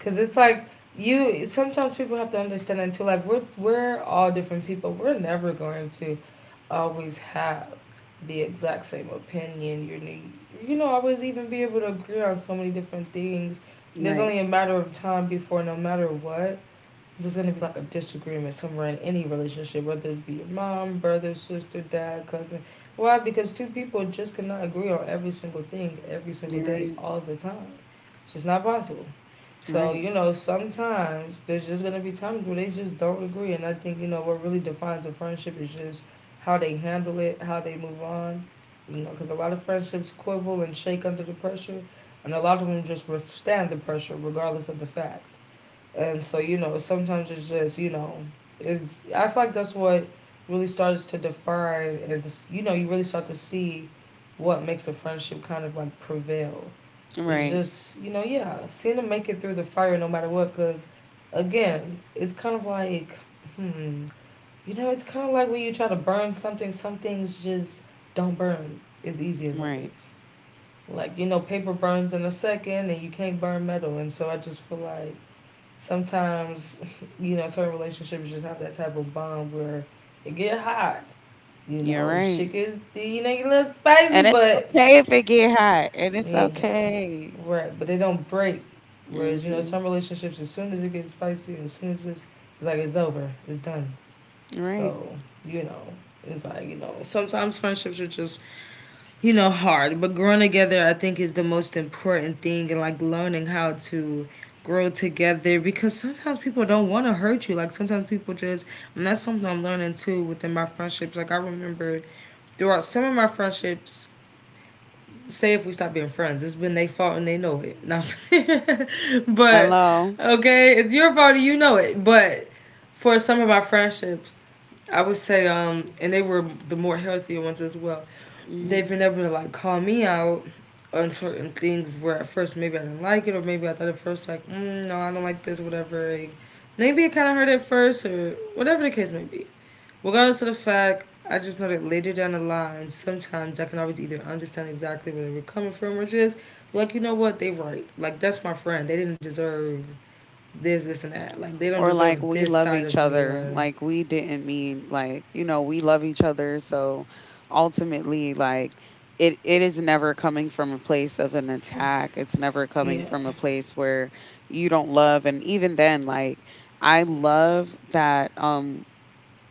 Cause it's like you. Sometimes people have to understand that too. Like we're all different people. We're never going to always have the exact same opinion. You need you know always even be able to agree on so many different things. There's Right. only a matter of time before no matter what there's gonna be like a disagreement somewhere in any relationship, whether it's be your mom, brother, sister, dad, cousin. Why? Because two people just cannot agree on every single thing, every single You're day, right. all the time. It's just not possible. So, Right. you know, sometimes there's just gonna be times where they just don't agree, and I think, you know, what really defines a friendship is just how they handle it, how they move on. You know, because a lot of friendships quibble and shake under the pressure, and a lot of them just withstand the pressure regardless of the fact. And so, you know, sometimes it's just, you know, is I feel like that's what really starts to define, and you know, you really start to see what makes a friendship kind of like prevail. It's Right. just, you know, yeah, seeing them make it through the fire no matter what cuz again, it's kind of like hmm, you know, it's kind of like when you try to burn something, some things just don't burn as easy as Right. others. Like, you know, paper burns in a second and you can't burn metal. And so I just feel like sometimes, you know, certain relationships just have that type of bond where it get hot. You You're know, right. shit gets you know, you a little spicy, And it's but okay if it get hot. And it's yeah, okay. right. But they don't break. Whereas Mhm. some relationships, as soon as it gets spicy, as soon as it's like it's over, it's done. Right. So, you know, it's like, sometimes friendships are just hard, but growing together I think is the most important thing, and like learning how to grow together, because sometimes people don't want to hurt you, like sometimes people just— and that's something I'm learning too within my friendships. Like I remember throughout some of my friendships, say if we stop being friends, it's been their fault and they know it, not but Hello. okay, it's your fault and you know it. But for some of my friendships, I would say, and they were the more healthier ones as well, they've Mhm. been able to like call me out on certain things where at first maybe I didn't like it, or maybe I thought at first like, no, I don't like this, whatever, like, maybe it kind of hurt at first, or whatever the case may be. Regardless of the fact, I just know that later down the line sometimes I can always either understand exactly where they were coming from, or just like, you know what, they right, like that's my friend, they didn't deserve this, this, and that, like they don't Or like deserve we this love side each of me. other. Or Like we didn't mean, like, we love each other, so ultimately, like it is never coming from a place of an attack. It's never coming yeah, from a place where you don't love. And even then, like I love that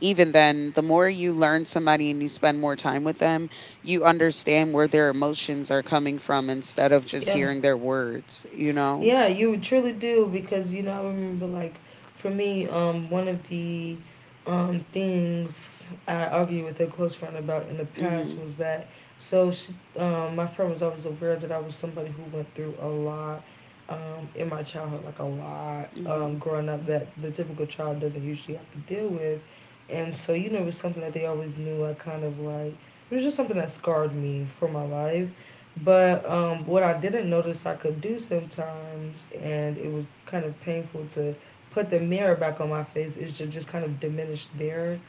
even then, the more you learn somebody and you spend more time with them, you understand where their emotions are coming from instead of just yeah. hearing their words, you know? Yeah, you truly do, because you know I remember like, for me, one of the things I argued with a close friend about in the past Mhm. was that, so she, my friend was always aware that I was somebody who went through a lot, in my childhood, like a lot, Mhm. growing up, that the typical child doesn't usually have to deal with, and so you know it was something that they always knew. I kind of like— it was just something that scarred me for my life. But what I didn't notice I could do sometimes, and it was kind of painful to put the mirror back on my face, is to just kind of diminish their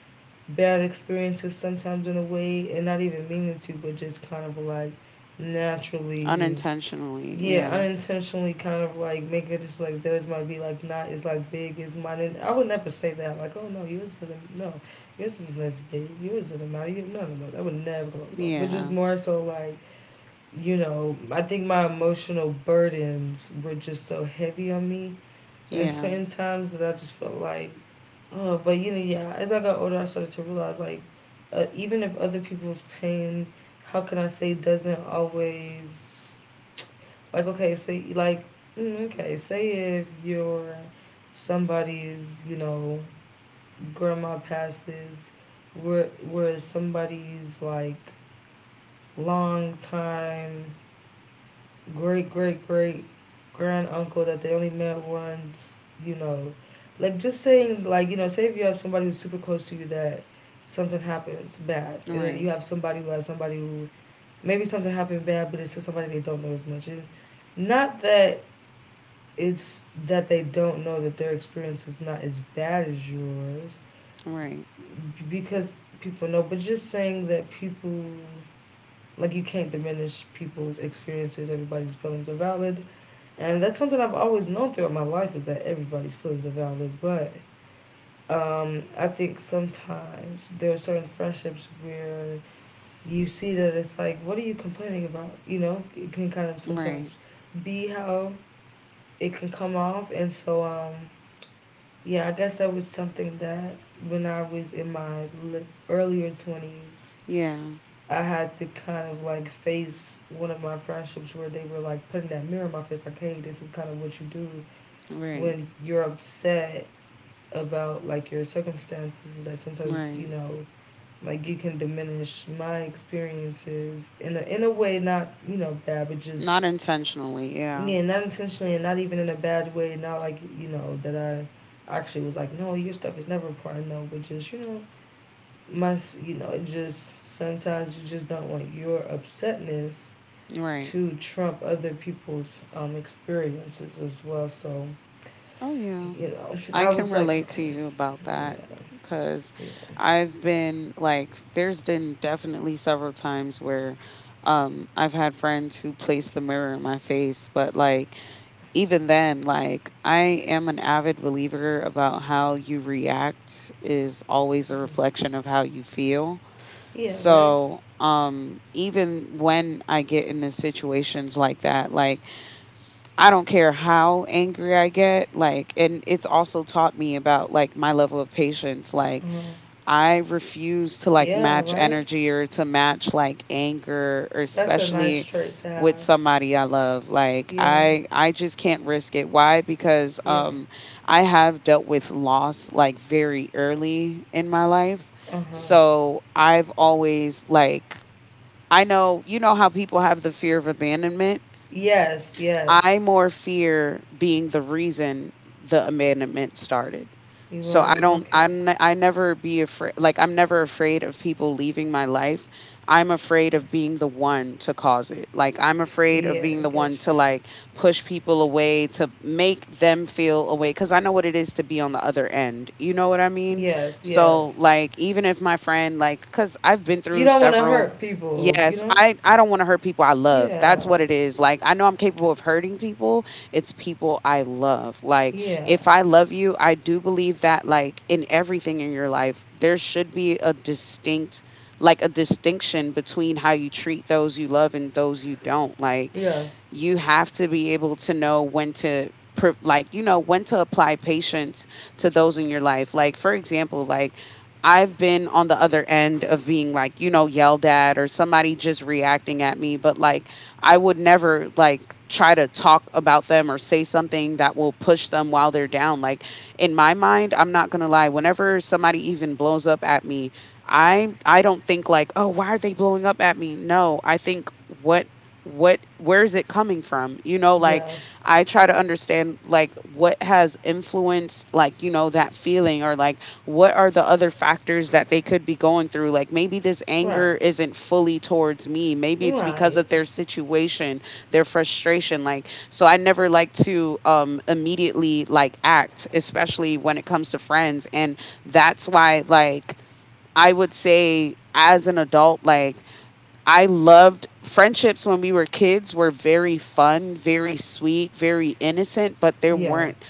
bad experiences sometimes in a way, and not even meaning to, but just kind of like naturally, Unintentionally. yeah, Yeah. unintentionally, kind of like make it just like theirs might be like not as like big as mine. And I would never say that, like, oh no, yours isn't, no, yours isn't as big, yours doesn't matter, you, no, no, no, that would never, blah, blah, blah. But just Yeah. more so like, you know, I think my emotional burdens were just so heavy on me and Yeah. certain times that I just felt like, oh, but you know, yeah, as I got older, I started to realize like, even if other people's pain, how can I say, doesn't always, like, okay, say, like, okay, say if you're somebody's, you know, grandma passes, where, where somebody's like long time great great great grand uncle that they only met once, you know. Like just saying like, you know, say if you have somebody who's super close to you that something happens bad, and then Right. you have somebody who has somebody who maybe something happened bad, but it's to somebody they don't know as much. And not that— it's that they don't know that their experience is not as bad as yours, Right. because people know, but just saying that people, like you can't diminish people's experiences. Everybody's feelings are valid, and that's something I've always known throughout my life, is that everybody's feelings are valid. But I think sometimes there are certain friendships where you see that it's like, what are you complaining about? You know, it can kind of Right. sometimes be how it can come off, and so yeah, I guess that was something that when I was in my earlier twenties Yeah. I had to kind of like face one of my friendships where they were like putting that mirror in my face, like, hey, this is kind of what you do Right. when you're upset about like your circumstances. Is that sometimes you Right. know like you can diminish my experiences in a way, not you know bad, but just Not intentionally. Yeah. yeah, not intentionally, and not even in a bad way. Not like you know that I actually was like, no, your stuff is never important. No, but just you know my— you know it just sometimes you just don't want your upsetness Right. to trump other people's, experiences as well. So, Oh yeah. you know, I I can was like, relate okay, to you about that, yeah, cuz yeah, I've been like there's been definitely several times where I've had friends who place the mirror in my face. But like, even then, like I am an avid believer about how you react is always a reflection of how you feel. yeah, right, So, even when I get into situations like that, like I don't care how angry I get, like, and it's also taught me about like my level of patience. Like, uh-huh. I refuse to like Yeah, match right. energy or to match like anger, or That's a nice especially trait to with have. somebody I love. Like Yeah, I just can't risk it. Why? Because yeah, I have dealt with loss, like very early in my life. uh huh. So I've always, like, I know you know how people have the fear of abandonment. Yes, yes. I more fear being the reason the abandonment started. You are So right? Okay. I never be afraid, like I'm never afraid of people leaving my life. I'm afraid of being the one to cause it. Like I'm afraid of Yeah, I being the got one you. to like push people away to make them feel away, cuz I know what it is to be on the other end. You know what I mean? Yes, So yes. like, even if my friend, like cuz I've been You through don't want to several. hurt people, you Yes, know? I don't want to hurt people I love. Yeah, That's what it is. Like I know I'm capable of hurting people. It's people I love. Like yeah, if I love you, I do believe that like in everything in your life, there should be a distinct, like a distinction between how you treat those you love and those you don't. Like yeah, you have to be able to know when to like, when to apply patience to those in your life. Like for example, like I've been on the other end of being, like, you know, yelled at or somebody just reacting at me. But like I would never like try to talk about them or say something that will push them while they're down. Like in my mind, I'm not going to lie, whenever somebody even blows up at me, I don't think like, "Oh, why are they blowing up at me?" No, I think what where is it coming from, you know, like yeah. I try to understand, like, what has influenced like that feeling, or like what are the other factors that they could be going through. Like maybe this Right, anger isn't fully towards me, maybe it's because right. of their situation, their frustration. Like, so I never like to immediately like act, especially when it comes to friends. And that's why, like, I would say as an adult, like I loved friendships when we were kids, were very fun, very sweet, very innocent, but there Yeah, weren't,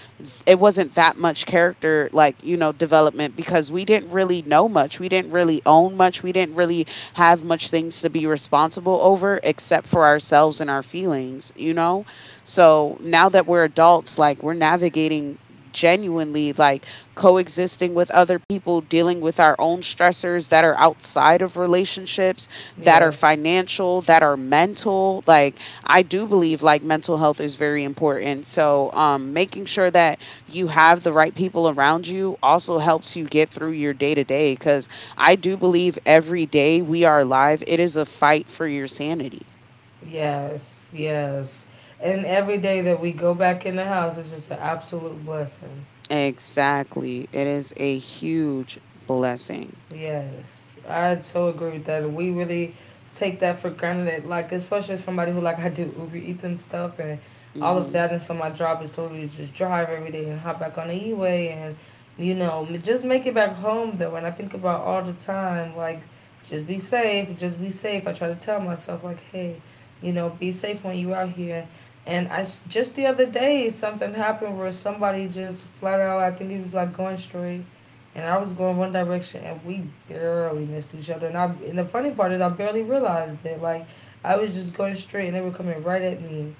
it wasn't that much character, like, you know, development, because we didn't really know much. We didn't really own much. We didn't really have much things to be responsible over except for ourselves and our feelings, you know? So, now that we're adults, like we're navigating genuinely, like coexisting with other people, dealing with our own stressors that are outside of relationships, that are yes. financial, that are mental. Like I do believe like mental health is very important. So making sure that you have the right people around you also helps you get through your day to day, cuz I do believe every day we are alive, it is a fight for your sanity. Yes, yes. And every day that we go back in the house is just an absolute blessing. Exactly. It is a huge blessing. Yes, I so agree with that. We really take that for granted. Like especially somebody who, like, I do Uber Eats and stuff and all of Mhm. that, and so my job is totally just drive every day and hop back on the E way, and you know, just make it back home though. And I think about all the time like, just be safe, just be safe. I try to tell myself like, hey, you know, be safe when you out here. And I just the other day something happened where somebody just flat out, I think he was like going straight, and I was going one direction, and we barely missed each other. And I, and the funny part is, I barely realized it. Like I was just going straight, and they were coming right at me.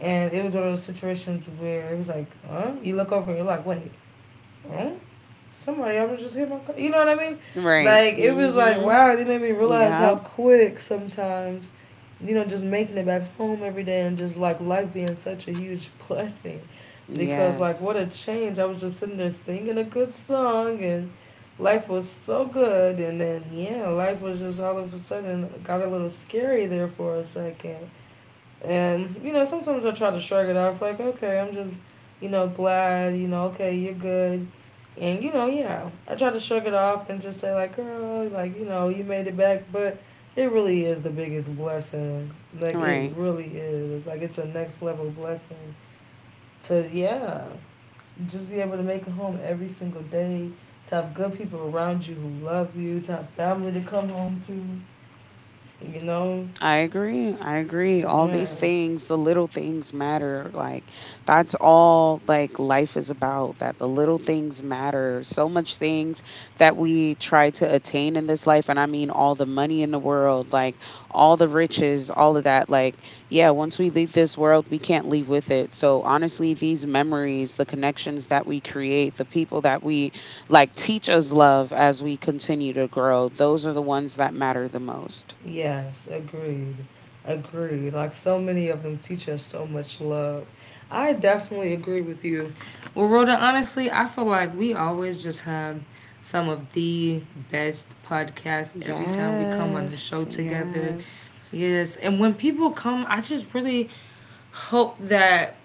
And it was one of those situations where it was like, huh? You look over, and you're like, wait, huh? Somebody I was just hit my car. You know what I mean? Right. Like it was like, Mhm. wow, you made me realize Yeah. how quick sometimes, you know, just making it back home every day, and just like life being such a huge blessing, because like what a Yes. change. I was just sitting there singing a good song and life was so good, and then yeah, life was just all of a sudden got a little scary there for a second. And, you know, sometimes I try to shrug it off, like, okay, I'm just, you know, glad, you know, okay, you're good. And, you know, yeah, I try to shrug it off and just say, like, girl, like, you know, you made it back. But it really is the biggest blessing. Like, it Right. really is. Like, it's a next level blessing to, yeah, just be able to make it home every single day, to have good people around you who love you, to have family to come home to, you know. I agree. I agree. Like, All these man. things, the little things matter. Like that's all, like life is about that, the little things matter. So much things that we try to attain in this life, and I mean all the money in the world, like all the riches, all of that, like yeah, once we leave this world, we can't leave with it. So honestly, these memories, the connections that we create, the people that we like teach us love as we continue to grow, those are the ones that matter the most. Yes, agreed. Agreed. Like so many of them teach us so much love. I definitely agree with you. Well, Rhoda, honestly, I feel like we always just have some of the best podcasts every time we come on the Yes, show together. yes. Yes, and when people come, I just really hope that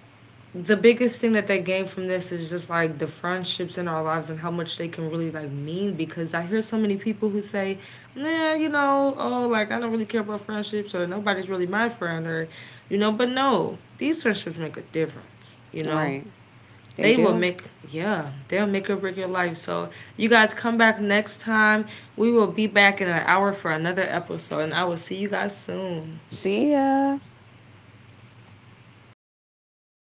the biggest thing that they gain from this is just like the friendships in our lives and how much they can really like mean, because I hear so many people who say, nah, you know, oh like I don't really care about friendships, or nobody's really my friend, or you know, but no, these friendships make a difference, you know? Right. They They will do. make— yeah, they'll make or break your life. So you guys come back next time. We will be back in an hour for another episode, and I will see you guys soon. See ya.